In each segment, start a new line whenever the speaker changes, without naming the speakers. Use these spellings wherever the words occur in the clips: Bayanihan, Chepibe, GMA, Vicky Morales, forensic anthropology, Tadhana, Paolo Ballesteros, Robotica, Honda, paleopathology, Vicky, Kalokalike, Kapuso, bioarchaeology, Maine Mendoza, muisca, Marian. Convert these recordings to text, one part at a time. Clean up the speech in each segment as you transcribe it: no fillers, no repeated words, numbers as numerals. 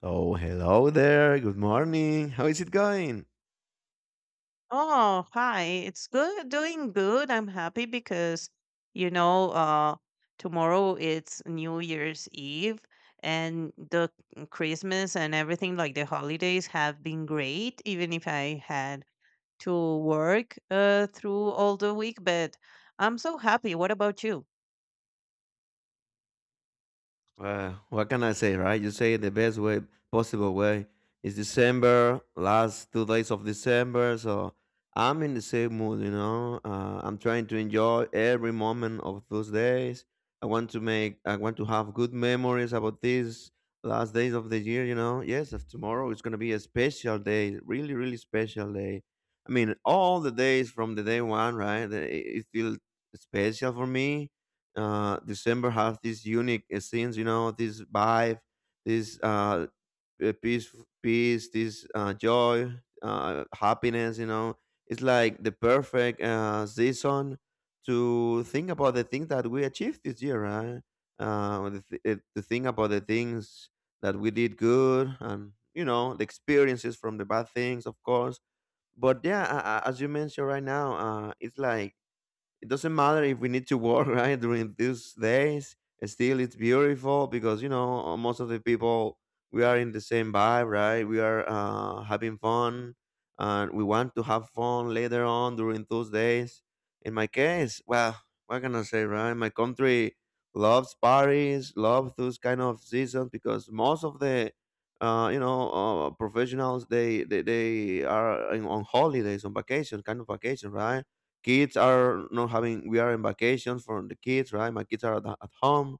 So, hello there. Good morning. How is it going?
Oh, hi. It's good, doing good. I'm happy because, you know, uh, tomorrow it's New Year's Eve and the Christmas and everything, like the holidays have been great, even if I had to work through all the week, but I'm so happy. What about you?
Well, what can I say, right? You say it the best way, possible way. It's December, last 2 days of December, so I'm in the same mood. I'm trying to enjoy every moment of those days. I want to have good memories about these last days of the year. Yes, of tomorrow is gonna be a special day, really, really special day. I mean, all the days from the day one, right? It feel special for me. December has this unique scenes, this vibe, this peace, this joy, happiness. It's like the perfect season to think about the things that we achieved this year, right? To think about the things that we did good, and the experiences from the bad things, of course. But yeah, as you mentioned right now, it's like it doesn't matter if we need to work right, during these days. Still, it's beautiful because, most of the people, we are in the same vibe, right? We are having fun, and we want to have fun later on during those days. In my case, well, what can I say, right? My country loves parties, loves those kind of seasons because most of the professionals, they are on holidays, on vacation, kind of vacation, right? Kids are not having, we are in vacation for the kids, right? My kids are at home,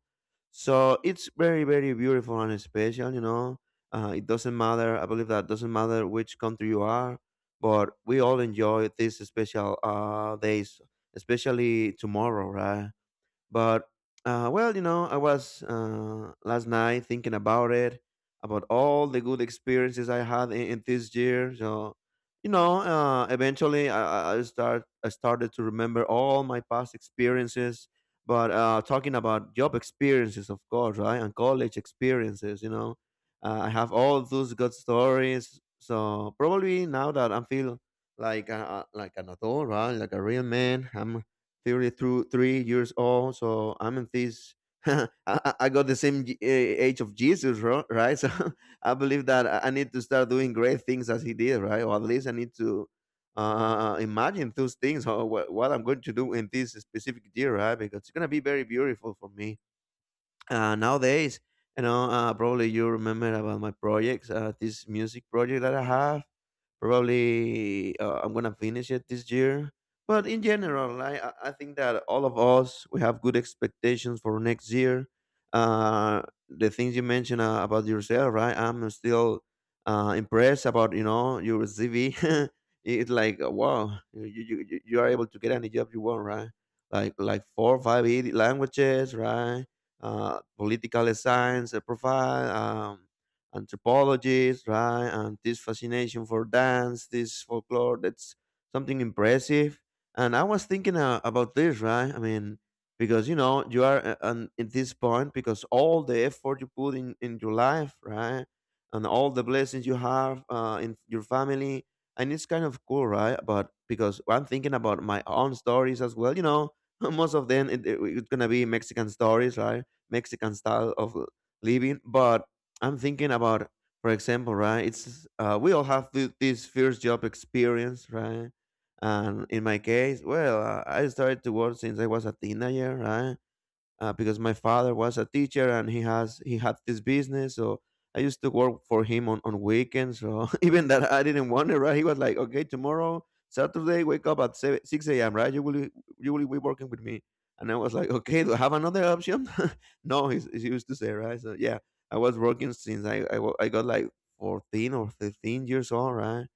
so it's very, very beautiful and special. It doesn't matter, I believe that doesn't matter which country you are, but we all enjoy these special days, especially tomorrow, right? But well, I was last night thinking about it, about all the good experiences I had in this year. So, eventually, I started to remember all my past experiences. But talking about job experiences, of course, right, and college experiences, I have all those good stories. So probably now that I feel like a, like an adult, right, like a real man, I'm 33 three years old. So I'm in this. I got the same age of Jesus, right? So I believe that I need to start doing great things as he did, right? Or at least I need to imagine those things or what I'm going to do in this specific year, right? Because it's going to be very beautiful for me. Nowadays, probably you remember about my projects, this music project that I have. Probably I'm gonna finish it this year. But in general, I think that all of us we have good expectations for next year. Uh, the things you mentioned about yourself, right? I'm still impressed about your CV. It's like wow, you are able to get any job you want, right? Like four or five languages, right? Political science profile. Um, Anthropologists, right? And this fascination for dance, this folklore, that's something impressive. And I was thinking about this, right? I mean, because you are at this point because all the effort you put in your life, right? And all the blessings you have in your family. And it's kind of cool, right? But because I'm thinking about my own stories as well, you know, most of them, it's gonna be Mexican stories, right? Mexican style of living. But I'm thinking about, for example, right? It's we all have this first job experience, right? And in my case, well, I started to work since I was a teenager, right? Because my father was a teacher and he had this business, so I used to work for him on weekends. So even that I didn't want it, right? He was like, okay, tomorrow Saturday, wake up at 7, 6 a.m., right? You will be working with me. And I was like, okay, do I have another option? No, he used to say, right? So yeah, I was working since I got like 14 or 15 years old, right?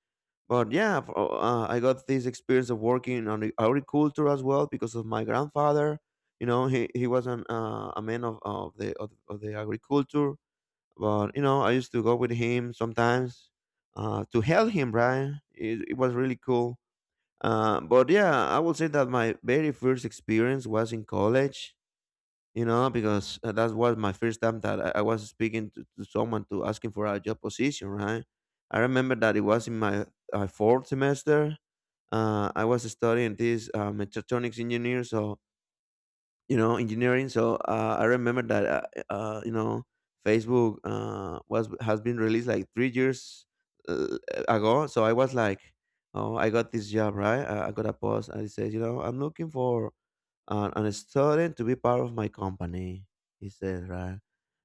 But I got this experience of working on the agriculture as well because of my grandfather, you know. He was a man of of the agriculture. But you know, I used to go with him sometimes to help him, right? It was really cool. But yeah, I would say that my very first experience was in college, you know, because that was my first time that I was speaking to someone to asking for a job position, right? I remember that it was in my fourth semester. I was studying this mechatronics engineer, so, you know, engineering. So I remember that you know, Facebook was has been released like 3 years uh, ago. So I was like, oh, I got this job, right? I got a post, and it says, you know, I'm looking for and starting to be part of my company, he said, right?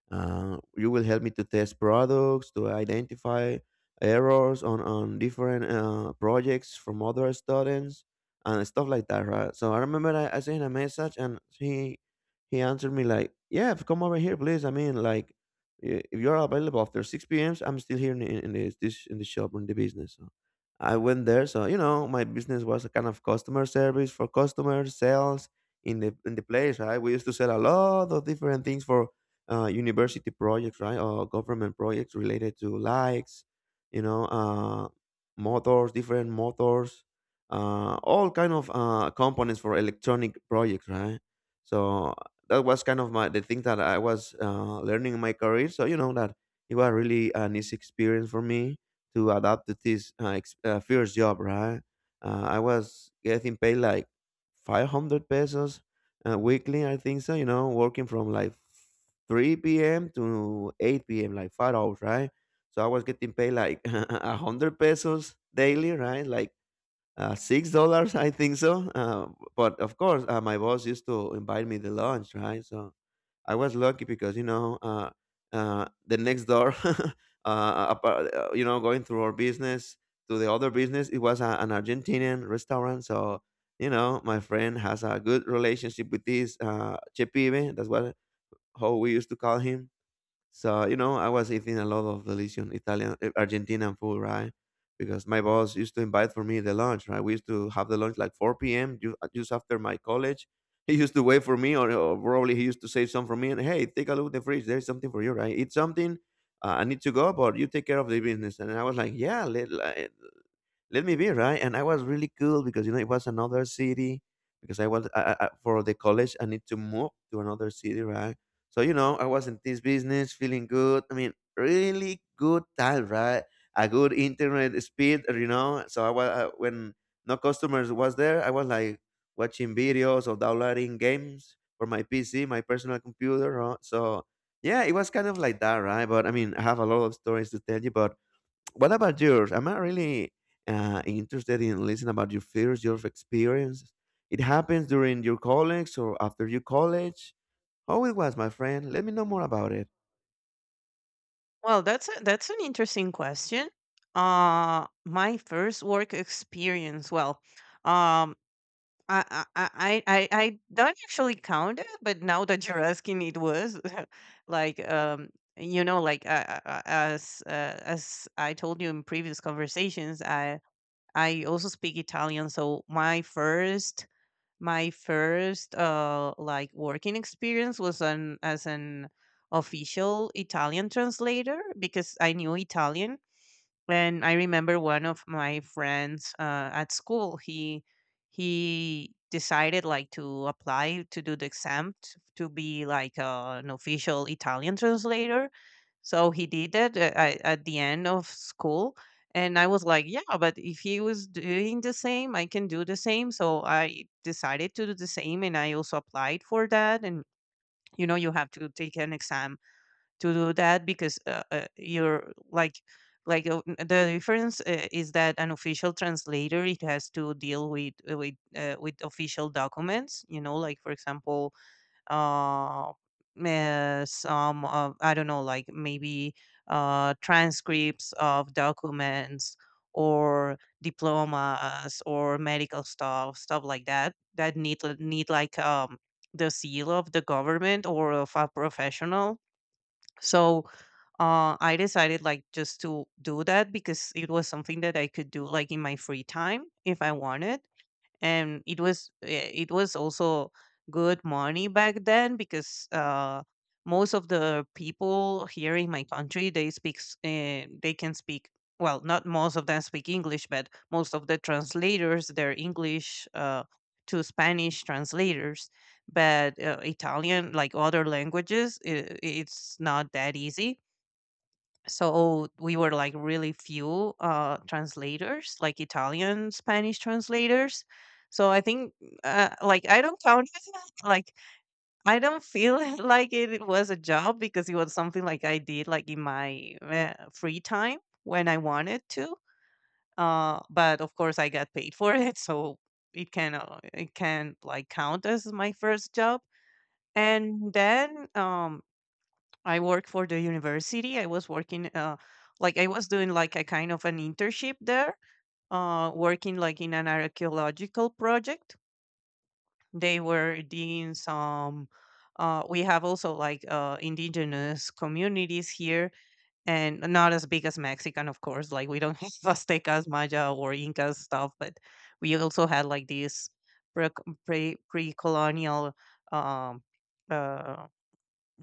You will help me to test products, to identify errors on different projects from other students and stuff like that, right? So I remember I sent a message and he answered me like, "Yeah, come over here, please. I mean, like, if you're available after 6 p.m., I'm still here in this in the shop or in the business." So I went there. So you know, my business was a kind of customer service for customers, sales in the place. Right, we used to sell a lot of different things for university projects, right, or government projects related to likes, you know, motors, different motors, all kind of components for electronic projects, right? So that was kind of my the thing that I was learning in my career. So you know that it was really a nice experience for me to adapt to this first job, right? I was getting paid like 500 pesos weekly, I think so. You know, working from like 3 p.m. to 8 p.m., like 5 hours, right? So I was getting paid like 100 pesos daily, right? Like $6, I think so. But of course, my boss used to invite me to lunch, right? So I was lucky because, you know, the next door, you know, going through our business to the other business, it was an Argentinian restaurant, so. You know, my friend has a good relationship with this Chepibe. That's what how we used to call him. So you know, I was eating a lot of delicious Italian, Argentinian food, right? Because my boss used to invite for me the lunch, right? We used to have the lunch like 4 p.m. Just after my college. He used to wait for me, or probably he used to save some for me. And hey, take a look at the fridge. There's something for you, right? Eat something. I need to go, but you take care of the business. And I was like, yeah, let me be right, and I was really cool because, you know, it was another city because I was I- for the college I need to move to another city, right? So, you know, I was in this business feeling good, I mean, really good time, right? A good internet speed, you know. So I was when no customers was there, I was like watching videos or downloading games for my PC, my personal computer, so yeah, it was kind of like that, right? But I mean, I have a lot of stories to tell you, but what about yours? I'm not really interested in listening about your fears, your experiences. It happens during your college or after your college. How it was, my friend? Let me know more about it.
Well, that's an interesting question. My first work experience, well, um, I don't actually count it, but now that you're asking, it was like like as I told you in previous conversations. I also speak Italian, so my first like working experience was an as an official Italian translator because I knew Italian. And I remember one of my friends at school. He decided, like, to apply to do the exam to be like an official Italian translator. So he did that, at the end of school, and I was like, yeah, but if he was doing the same, I can do the same. So I decided to do the same, and I also applied for that. And you have to take an exam to do that, because you're like the difference is that an official translator, it has to deal with with official documents, like, for example, uh, some, I don't know, like maybe transcripts of documents, or diplomas, or medical stuff like that, that need like the seal of the government, or of a professional. So I decided, like, just to do that because it was something that I could do like in my free time if I wanted. And it was it was also good money back then, because most of the people here in my country, they can speak, well, not most of them speak English, but most of the translators, they're English to Spanish translators. But Italian, like other languages, I it's not that easy. So we were like really few translators, like Italian Spanish translators. So I think, like, I don't count it like I don't feel like it was a job because it was something like I did like in my free time when I wanted to, but of course I got paid for it, so it can like count as my first job. And then I work for the university. I was working, like, I was doing like a kind of an internship there, working like in an archaeological project. They were digging some. We have also like indigenous communities here, and not as big as Mexican, of course. Like, we don't have Aztecas, Maya, or Inca stuff, but we also had like these pre colonial um, uh,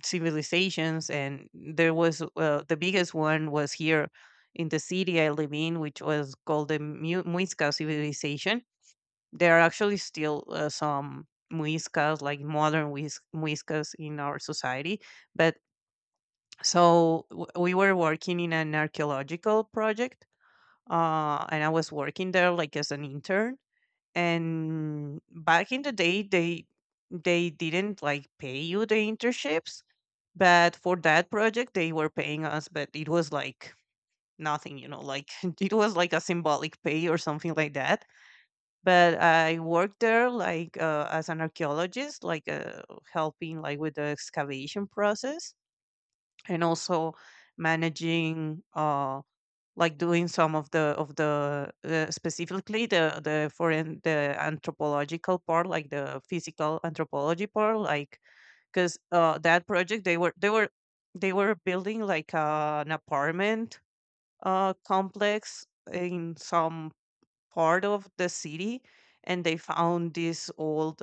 civilizations, and there was, the biggest one was here in the city I live in, which was called the muisca civilization. There are actually still some muiscas, like modern muiscas in our society. But so we were working in an archaeological project, and I was working there like as an intern. And back in the day, they didn't like pay you the internships, but for that project they were paying us, but it was like nothing, like it was like a symbolic pay or something like that. But I worked there like, as an archaeologist, like, helping like with the excavation process, and also managing, like doing some of the specifically the anthropological part, like, the physical anthropology part, like, because that project, they were building like an apartment complex in some part of the city, and they found this old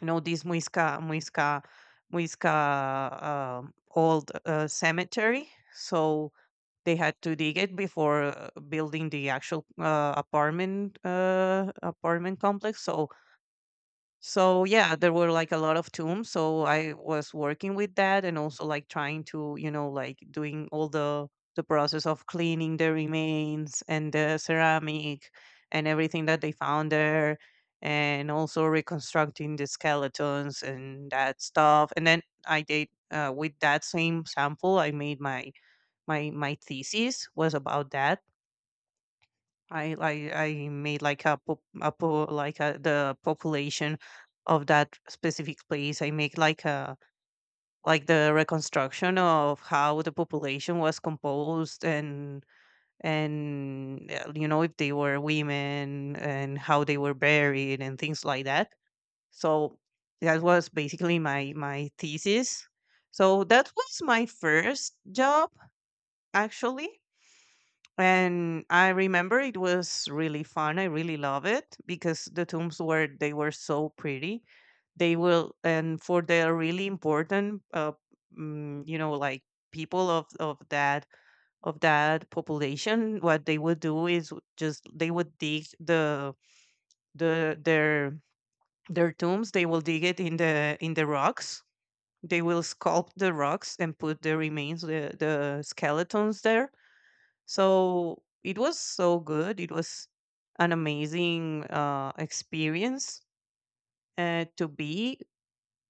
you know this muisca old cemetery. So they had to dig it before building the actual apartment complex. So yeah, there were like a lot of tombs. So I was working with that, and also like trying to like doing all the process of cleaning the remains and the ceramic and everything that they found there, and also reconstructing the skeletons and that stuff. And then I did, with that same sample, I made my my my thesis was about that. I made like a, pop- a po- like a, the population of that specific place. I make like a like the reconstruction of how the population was composed, and if they were women, and how they were buried and things like that. So that was basically my thesis. So that was my first job, actually. And I remember it was really fun. I really love it because the tombs were so pretty. They will. And for the really important, like, people of that population, what they would do is, just, they would dig the their their tombs. They will dig it in the rocks. They will sculpt the rocks and put the remains, the skeletons there, so it was so good. It was an amazing experience to be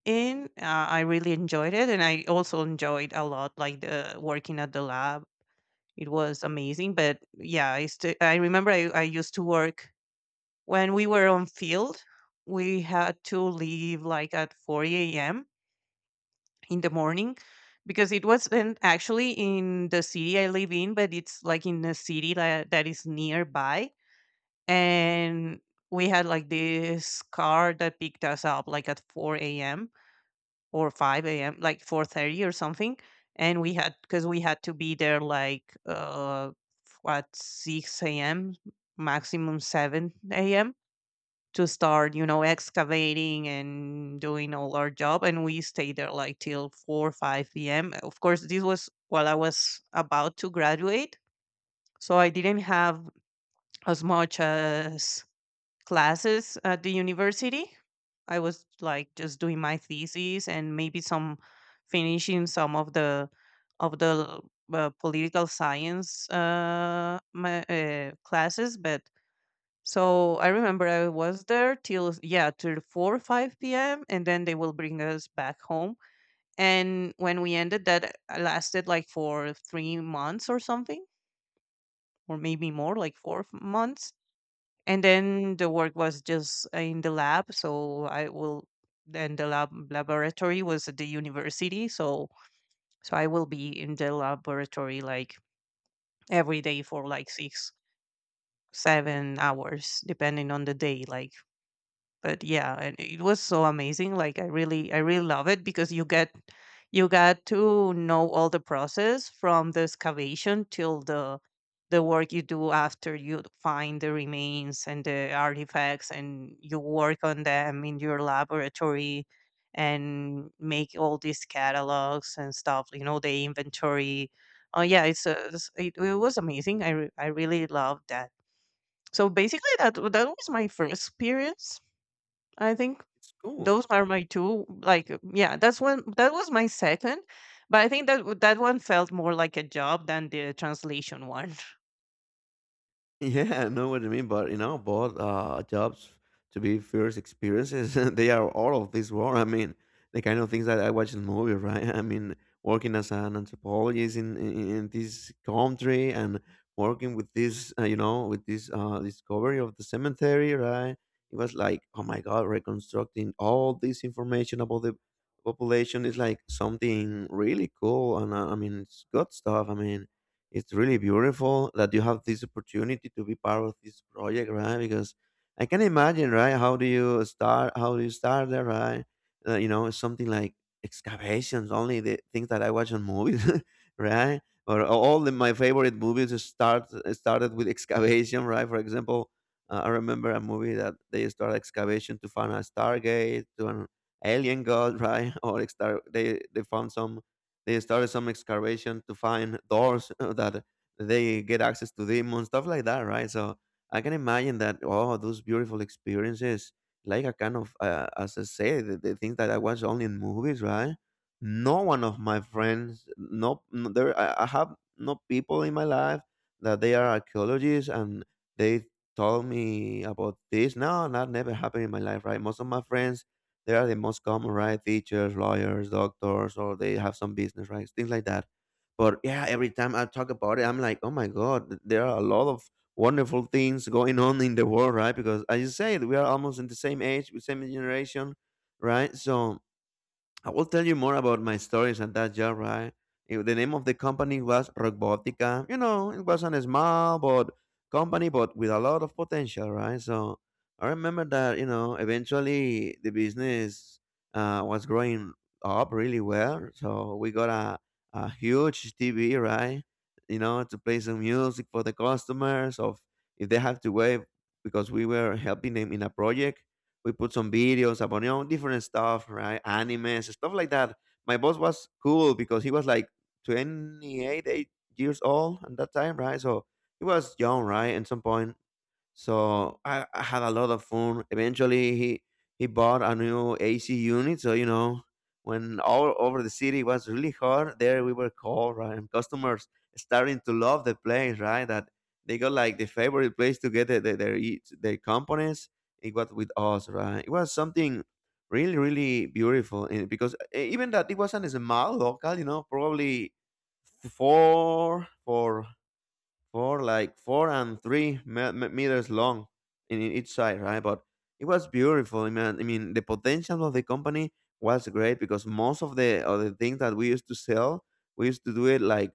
in. I really enjoyed it, and I also enjoyed a lot, like, the working at the lab. It was amazing. But yeah, I remember, I used to work when we were on field. We had to leave like at 4 a.m. in the morning, because it wasn't actually in the city I live in, but it's like in a city that is nearby, and we had like this car that picked us up like at 4 a.m or 5 a.m, like 4:30 or something. And we had to be there like, at 6 a.m maximum 7 a.m, to start, excavating and doing all our job. And we stayed there like till 4 5 p.m. Of course this was while I was about to graduate, so I didn't have as much as classes at the university. I was like just doing my thesis, and maybe some finishing some of the political science classes. But so I remember I was there till, yeah, till 4 or 5 p.m., and then they will bring us back home. And when we ended, that lasted like for 3 months or something, or maybe more, like 4 months, and then the work was just in the lab, so I will. Then the laboratory was at the university, so I will be in the laboratory like every day for like 6 7 hours depending on the day, like. But yeah, and it was so amazing. Like, I really love it because you got to know all the process from the excavation till the work you do after you find the remains and the artifacts, and you work on them in your laboratory, and make all these catalogs and stuff, you know, the inventory. Oh yeah, it's, a, it's- it was amazing. I really loved that. So basically that was my first experience, I think.
It's cool.
Those are my two, like, yeah, that's one, that was my second. But I think that, that one felt more like a job than the translation one. Oh,
Yeah, I know what you mean, but you know, both jobs to be first experiences. They are all of this war. I mean, the kind of things that I watch in movies, right? I mean, working as an anthropologist in this country and working with this discovery of the cemetery, right? It was like, oh my God, reconstructing all this information about the population is like something really cool, and I mean, it's good stuff. I mean it's really beautiful that you have this opportunity to be part of this project, right? Because I can imagine, right? How do you start? How do you start there, right? It's something like excavations, only the things that I watch on movies, right? Or my favorite movies is started with excavation, right? For example, I remember a movie that they start excavation to find a Stargate, to an alien god, right? Or star, they found some they started some excavation to find doors that they get access to demons, stuff like that, right? So I can imagine that, oh, those beautiful experiences, like a kind of, as I say, the things that I watch only in movies, right? No one of my friends, no, no there, I have no people in my life that they are archaeologists and they told me about this. No, that never happened in my life, right? Most of my friends they are the most common, right? Teachers, lawyers, doctors, or they have some business, right? Things like that. But yeah, every time I talk about it, I'm like, oh my God, there are a lot of wonderful things going on in the world, right? Because as you said, we are almost in the same age, the same generation, right? So I will tell you more about my stories at that job, right? The name of the company was Robotica. You know, it was a small but company, but with a lot of potential, right? So I remember that eventually the business was growing up really well. So we got a huge TV, right? You know, to play some music for the customers. Of if they have to wait because we were helping them in a project we put some videos about different stuff, right? Animes, stuff like that. My boss was cool because he was like 28 eight years old at that time, right? So he was young, right? At some point, so I had a lot of fun. Eventually, he bought a new AC unit. So when all over the city was really hot, there we were cold, right? And customers starting to love the place, right? That they got like the favorite place to get their components. It was with us, right? It was something really, really beautiful. And because even that it wasn't a small local, probably four, four 4 and 3 meters long in each side, right? But it was beautiful, I mean, the potential of the company was great because most of the things that we used to sell, we used to do it like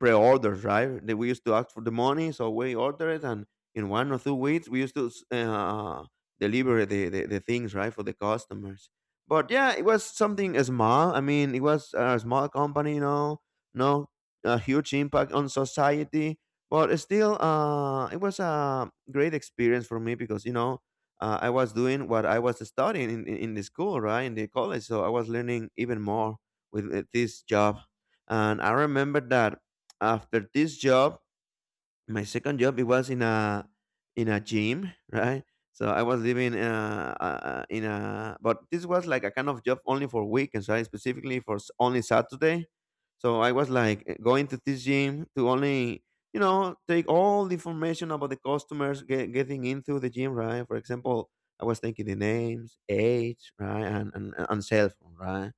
pre-orders, right? That we used to ask for the money, so we order it, and in 1 or 2 weeks, we used to deliver the things, right, for the customers. But yeah, it was something small. I mean, it was a small company, no a huge impact on society but still, it was a great experience for me because I was doing what I was studying in the school, right, in the college. So I was learning even more with this job. And I remember that after this job, my second job, it was in a gym, right? So I was living but this was like a kind of job only for weekends, right? Specifically for only Saturday. So I was like going to this gym to only, take all the information about the customers getting into the gym, right? For example, I was taking the names, age, right, and cell phone, right?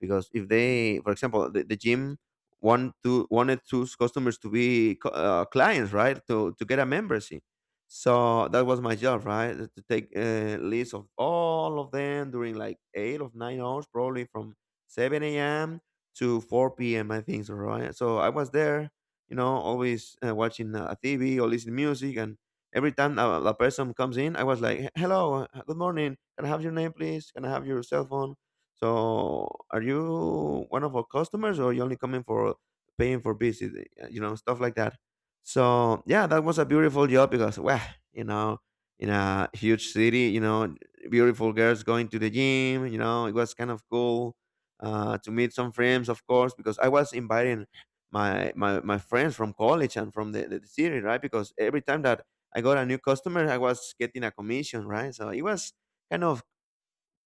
Because if they, for example, the gym wanted those customers to be clients, right? To get a membership. So that was my job, right? To take a list of all of them during like 8 of 9 hours, probably from 7 a.m. to 4 p.m. I think so, right? So I was there, always watching TV or listening music, and every time a person comes in, I was like, "Hello, good morning. Can I have your name, please? Can I have your cell phone?" So, are you one of our customers, or you only coming for paying for visit? Stuff like that. So, yeah, that was a beautiful job because, wow, you know, in a huge city, beautiful girls going to the gym. It was kind of cool to meet some friends, of course, because I was inviting my friends from college and from the city, right? Because every time that I got a new customer, I was getting a commission, right? So it was kind of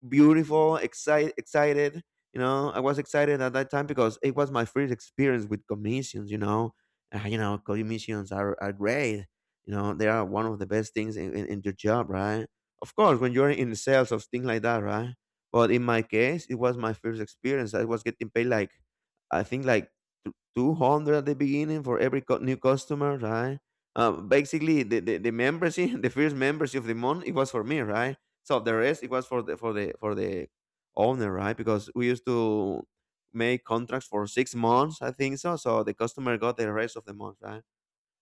beautiful, excited, excited. I was excited at that time because it was my first experience with commissions. Commissions are great. They are one of the best things in your job, right? Of course, when you're in sales of things like that, right? But in my case, it was my first experience. I was getting paid like, I think like 200 at the beginning for every new customer, right? Basically, the membership, the first membership of the month, it was for me, right? So the rest it was for the owner, right? Because we used to make contracts for 6 months, I think so. So the customer got the rest of the month, right?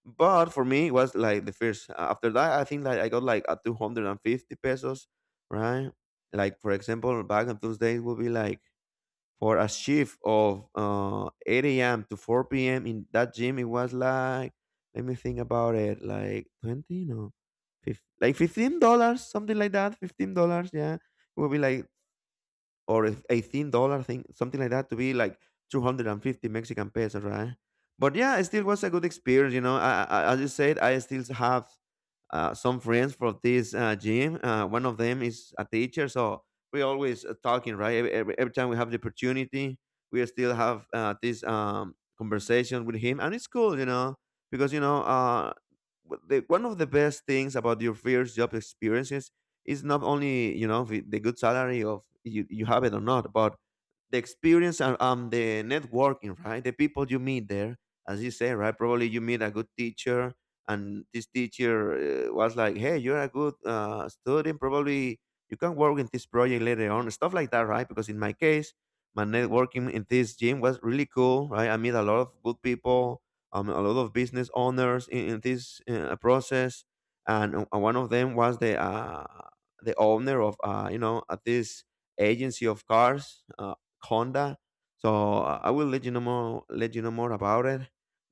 But for me, it was like the first. After that, I think like I got like a 250 pesos, right? Like for example, back on those days would be like for a shift of 8 a.m. to 4 p.m. in that gym, it was like, let me think about it, like 20, no, 15, like $15, something like that, $15, yeah. It would be like or if $18 thing, something like that, to be like 250 Mexican pesos, right? But yeah, it still was a good experience. I, as you said, I still have some friends from this gym. One of them is a teacher, so we always talking, right? Every time we have the opportunity, we still have this conversation with him, and it's cool, because one of the best things about your first job experiences it's not only the good salary of you have it or not but the experience and the networking right the people you meet there as you say right probably you meet a good teacher and this teacher was like hey you're a good student probably you can work in this project later on stuff like that right because in my case my networking in this gym was really cool right I meet a lot of good people a lot of business owners in this process and one of them was the owner of at this agency of cars, Honda. So I will let you know more. Let you know more about it.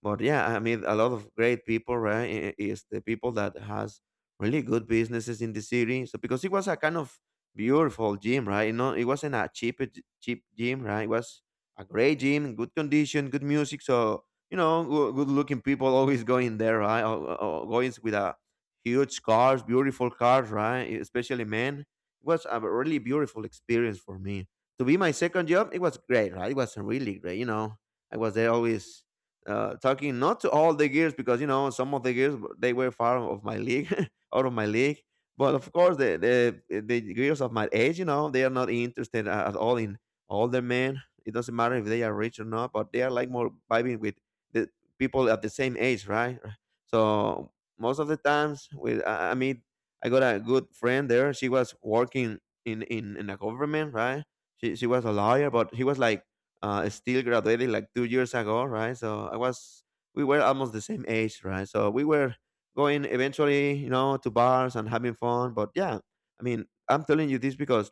But yeah, I mean, a lot of great people, right? Is the people that has really good businesses in the city. So because it was a kind of beautiful gym, right? It wasn't a cheap cheap gym, right? It was a great gym, good condition, good music. So you know, good looking people always going there, right? Or going with a huge cars, beautiful cars, right? Especially men. It was a really beautiful experience for me. To be my second job, it was great, right? It was really great. I was there always talking not to all the gears because some of the gears they were far of my league, out of my league. But of course, the gears of my age, they are not interested at all in older men. It doesn't matter if they are rich or not, but they are like more vibing with the people at the same age, right? So most of the times I mean, I got a good friend there. She was working in a government, right? She was a lawyer, but she was like still graduated like 2 years ago, right? So I was we were almost the same age, right? So we were going eventually, to bars and having fun. But yeah, I mean, I'm telling you this because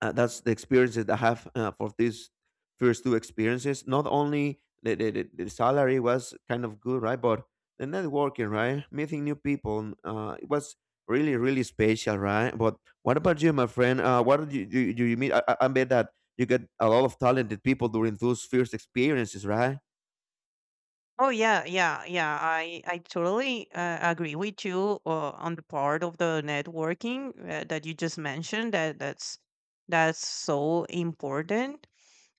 that's the experiences that I have for these first two experiences. Not only the salary was kind of good, right? But the networking, right? Meeting new people, it was really, really special, right? But what about you, my friend? What did you meet? I bet that you get a lot of talented people during those first experiences, right?
yeah, yeah, yeah, I totally agree with you on the part of the networking, that you just mentioned, that's so important.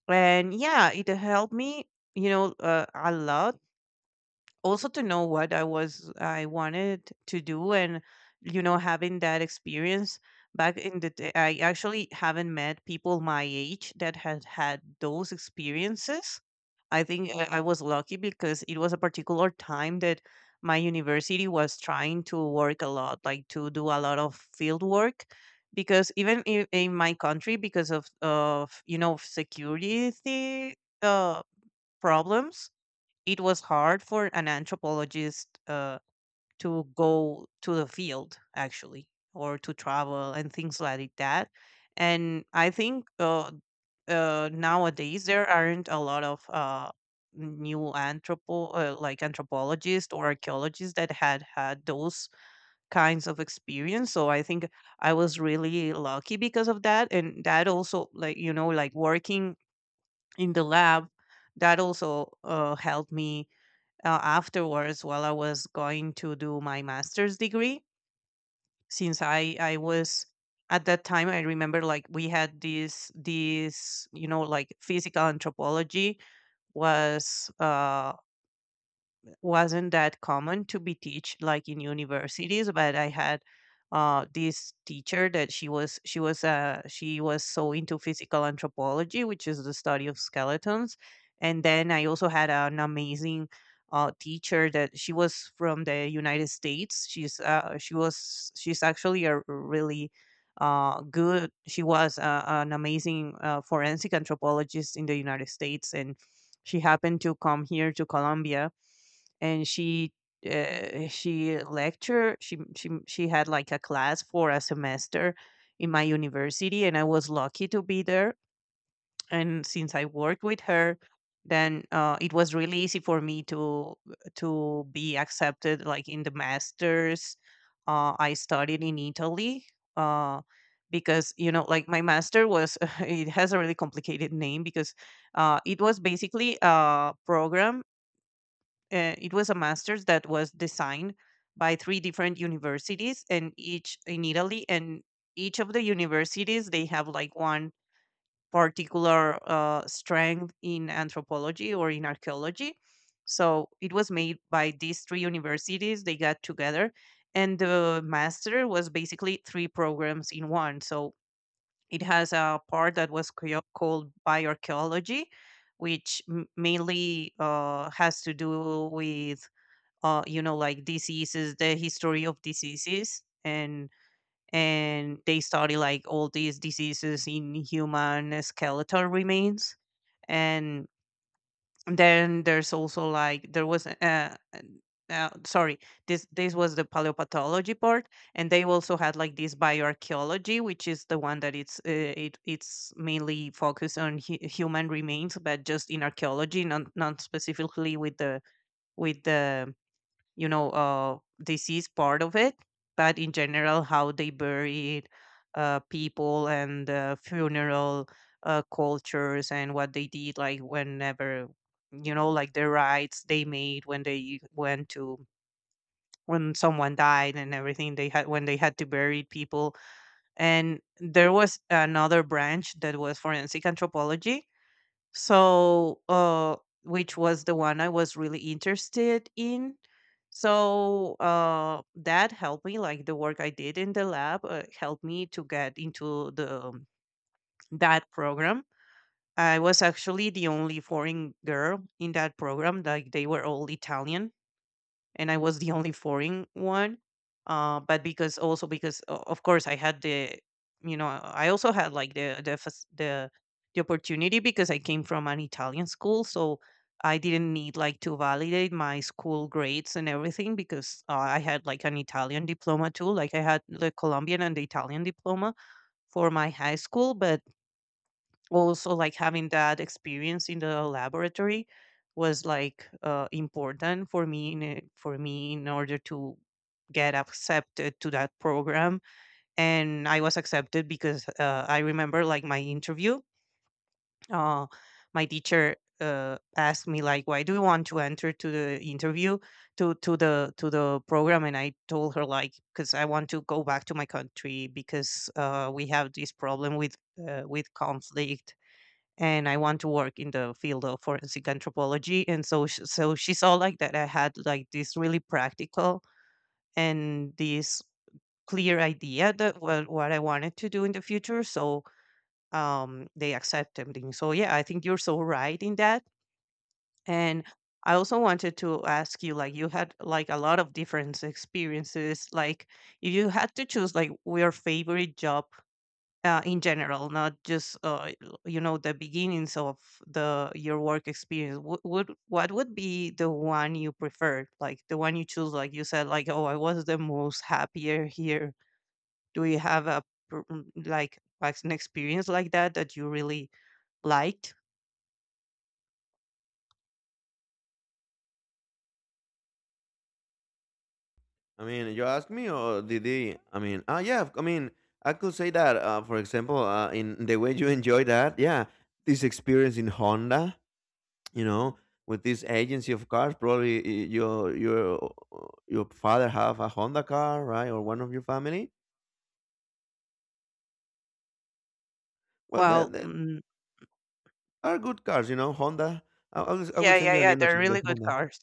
And yeah, it helped me, a lot, also to know what I wanted to do, and having that experience back in the day, I actually haven't met people my age that had had those experiences. I think I was lucky because it was a particular time that my university was trying to work a lot, like, to do a lot of field work. Because even in my country, because of you know security uh, problems, it was hard for an anthropologist to go to the field actually or to travel and things like that, and I think nowadays there aren't a lot of new anthropologists or archaeologists that had had those kinds of experience. So I think I was really lucky because of that. And that also, like you know, like working in the lab, that also helped me afterwards while I was going to do my master's degree. Since I was at that time, I remember, like we had this, you know, like physical anthropology was uh wasn't that common to be teach like in universities. But I had this teacher, that she was she was she was so into physical anthropology, which is the study of skeletons. And then I also had an amazing teacher that she was from the United States. She's she was She's actually a really good she was an amazing forensic anthropologist in the United States, and she happened to come here to Colombia. And she lectured, she had like a class for a semester in my university, and I was lucky to be there. And since I worked with her, then it was really easy for me to be accepted like in the masters. I studied in Italy, uh, because you know, like my master was it has a really complicated name, because it was basically a program. It was a master's that was designed by three different universities, and each in Italy, and each of the universities, they have like one particular strength in anthropology or in archaeology. So it was made by these three universities, they got together, and the master was basically three programs in one. So it has a part that was called bioarchaeology, which mainly has to do with, you know, like diseases, the history of diseases, and they study like all these diseases in human skeletal remains. And then there's also like there was sorry, this was the paleopathology part. And they also had like this bioarchaeology, which is the one that it's mainly focused on human remains, but just in archaeology, not specifically with the you know uh, disease part of it, but in general how they buried people and funeral cultures, and what they did, like whenever, you know, like the rites they made when they went to when someone died, and everything they had when they had to bury people. And there was another branch that was forensic anthropology. so, uh, which was the one I was really interested in. So, that helped me, like the work I did in the lab, helped me to get into the that program. I was actually the only foreign girl in that program. Like they were all Italian, and I was the only foreign one. But because, also because of course I had the, you know, I also had like the fac- the opportunity because I came from an Italian school, so I didn't need like to validate my school grades and everything, because I had like an Italian diploma too. Like I had the Colombian and the Italian diploma for my high school. But also like having that experience in the laboratory was like important for me for me in order to get accepted to that program. And I was accepted because I remember like my interview. uh, my teacher asked me, like, why do you want to enter to the interview to the program? And I told her, like, because I want to go back to my country, because we have this problem with conflict, and I want to work in the field of forensic anthropology. And so, so she saw like that I had like this really practical and this clear idea that what I wanted to do in the future. So they accepted me. So yeah, I think you're so right in that. And I also wanted to ask you, like you had like a lot of different experiences. Like if you had to choose like your favorite job in general, not just you know, the beginnings of the your work experience. What would be the one you preferred, like the one you choose? Like you said, like, oh, I was the most happier here. Do you have a like an experience like that that you really liked?
I mean, you ask me, or did they? I mean, yeah, I mean, I could say that, for example, in the way you enjoy that, yeah, this experience in Honda. You know, with this agency of cars, probably your your father have a Honda car, right? Or one of your family. Well, they,
Well,
they
mm,
are good cars, you know. Honda, I, I will I
yeah,
will send
yeah,
you an
yeah.
image
They're
of the
really good
Honda.
cars.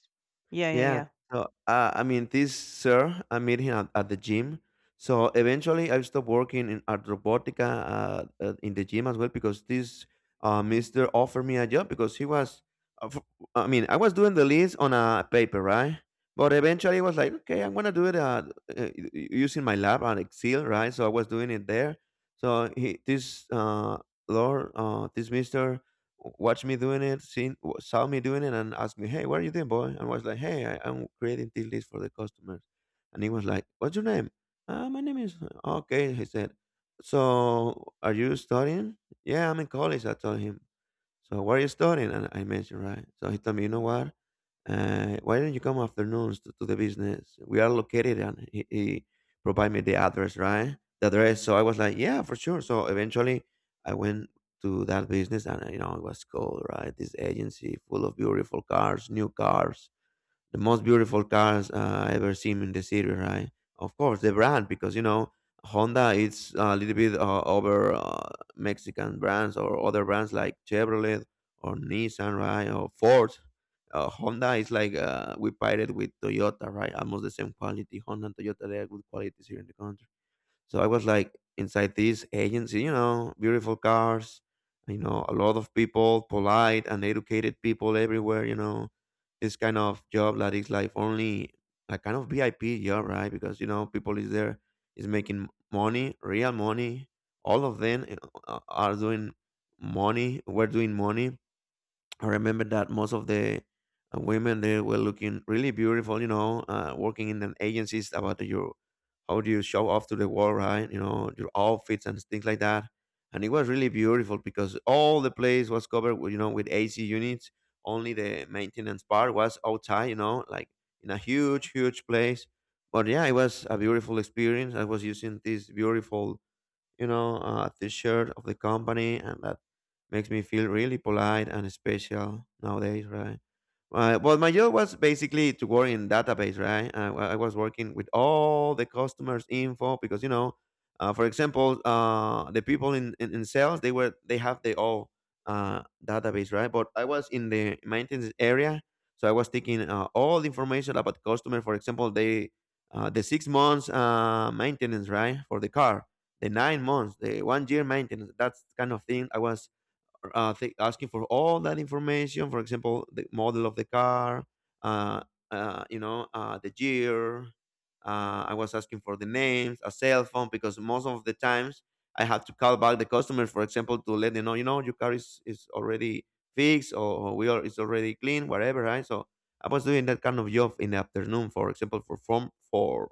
Yeah, yeah,
Yeah.
yeah.
So, I mean, this sir, I met him at the gym. So eventually, I stopped working in at Robotica in the gym as well because this Mister offered me a job because uh, f- I mean, I was doing the list on a paper, right? But eventually, I was like, okay, I'm gonna do it uh, using my lab on Excel, right? So I was doing it there. So he, this Lord, this Mister watched me doing it, seen saw me doing it, and asked me, "Hey, what are you doing, boy?" And was like, "Hey, I'm creating this list for the customers." And he was like, "What's your name?" My name is okay. He said, "So are you studying?" Yeah, I'm in college, I told him. So what are you studying? And I mentioned, right? So he told me, you know what? Why don't you come afternoons to the business? We are located, and he provided me the address, right? The address. So I was like, yeah, for sure. So eventually I went to that business, and you know, it was cool, right? This agency full of beautiful cars, new cars, the most beautiful cars I ever seen in the city, right? Of course, the brand, because you know Honda is a little bit over Mexican brands or other brands like Chevrolet or Nissan, right? Or Ford. Honda is like we paired it with Toyota, right? Almost the same quality. Honda and Toyota, they are good qualities here in the country. So I was like inside this agency, you know, beautiful cars, you know, a lot of people, polite and educated people everywhere, you know, this kind of job that is like only a kind of VIP job, right? Because, you know, people is there is making money, real money. All of them, you know, are doing money. We're doing money. I remember that most of the women there were looking really beautiful, you know, working in an agencies about your how do you show off to the world, right? You know, your outfits and things like that. And it was really beautiful because all the place was covered with, you know, with AC units. Only the maintenance part was outside, you know, like in a huge, huge place. But yeah, it was a beautiful experience. I was using these beautiful, you know, T-shirt of the company, and that makes me feel really polite and special nowadays, right? Well, my job was basically to work in database, right? I was working with all the customers' info because you know, for example, the people in sales, they have their own database, right? But I was in the maintenance area, so I was taking all the information about customer. For example, the 6 months maintenance, right, for the car, the 9 months, the 1 year maintenance, that kind of thing. I was asking for all that information. For example, the model of the car, uh, you know, the year. I was asking for the names, a cell phone, because most of the times I had to call back the customer, for example, to let them know, you know, your car is already fixed, or we are it's already clean, whatever, right? So I was doing that kind of job in the afternoon, for example, for from for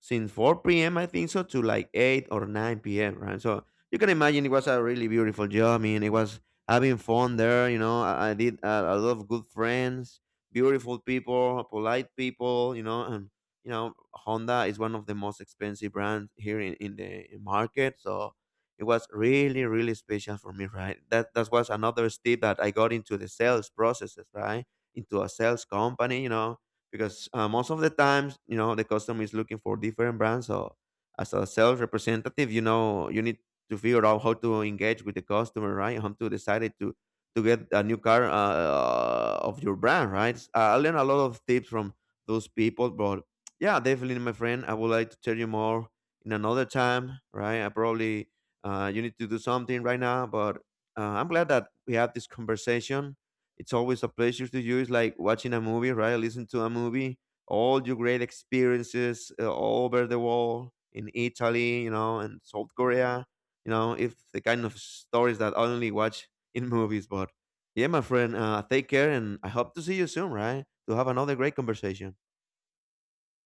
since 4 p.m. I think so, to like 8 or 9 p.m. Right, so you can imagine it was a really beautiful job. I mean, it was having fun there. You know, I did a lot of good friends, beautiful people, polite people. You know, and you know Honda is one of the most expensive brands here in the market, so it was really really special for me. Right, that that was another step that I got into the sales processes. Right, into a sales company. You know, because most of the times you know the customer is looking for different brands, so as a sales representative, you know, you need to figure out how to engage with the customer, right, how to decide it to get a new car of your brand, right. I learned a lot of tips from those people. But yeah, definitely, my friend, I would like to tell you more in another time, right. I probably, you need to do something right now, but I'm glad that we had this conversation. It's always a pleasure to you. It's like watching a movie, right? Listen to a movie. All your great experiences all over the world, in Italy, you know, and South Korea. You know, if the kind of stories that I only watch in movies. But yeah, my friend, take care, and I hope to see you soon, right? To have another great conversation.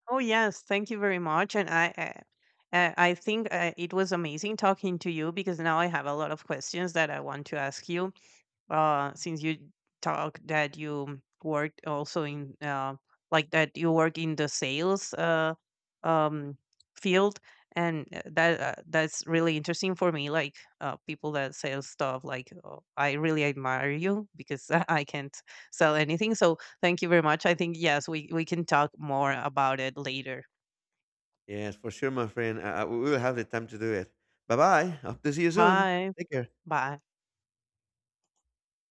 Oh yes, thank you very much. And I think it was amazing talking to you, because now I have a lot of questions that I want to ask you, since you talk that you worked also in like that you work in the sales um field. And that that's really interesting for me, like people that sell stuff, like I really admire you because I can't sell anything. So thank you very much. I think yes, we can talk more about it later.
Yes, for sure, my friend. We will have the time to do it. Bye bye. Hope to see you soon.
Bye
Take care.
bye.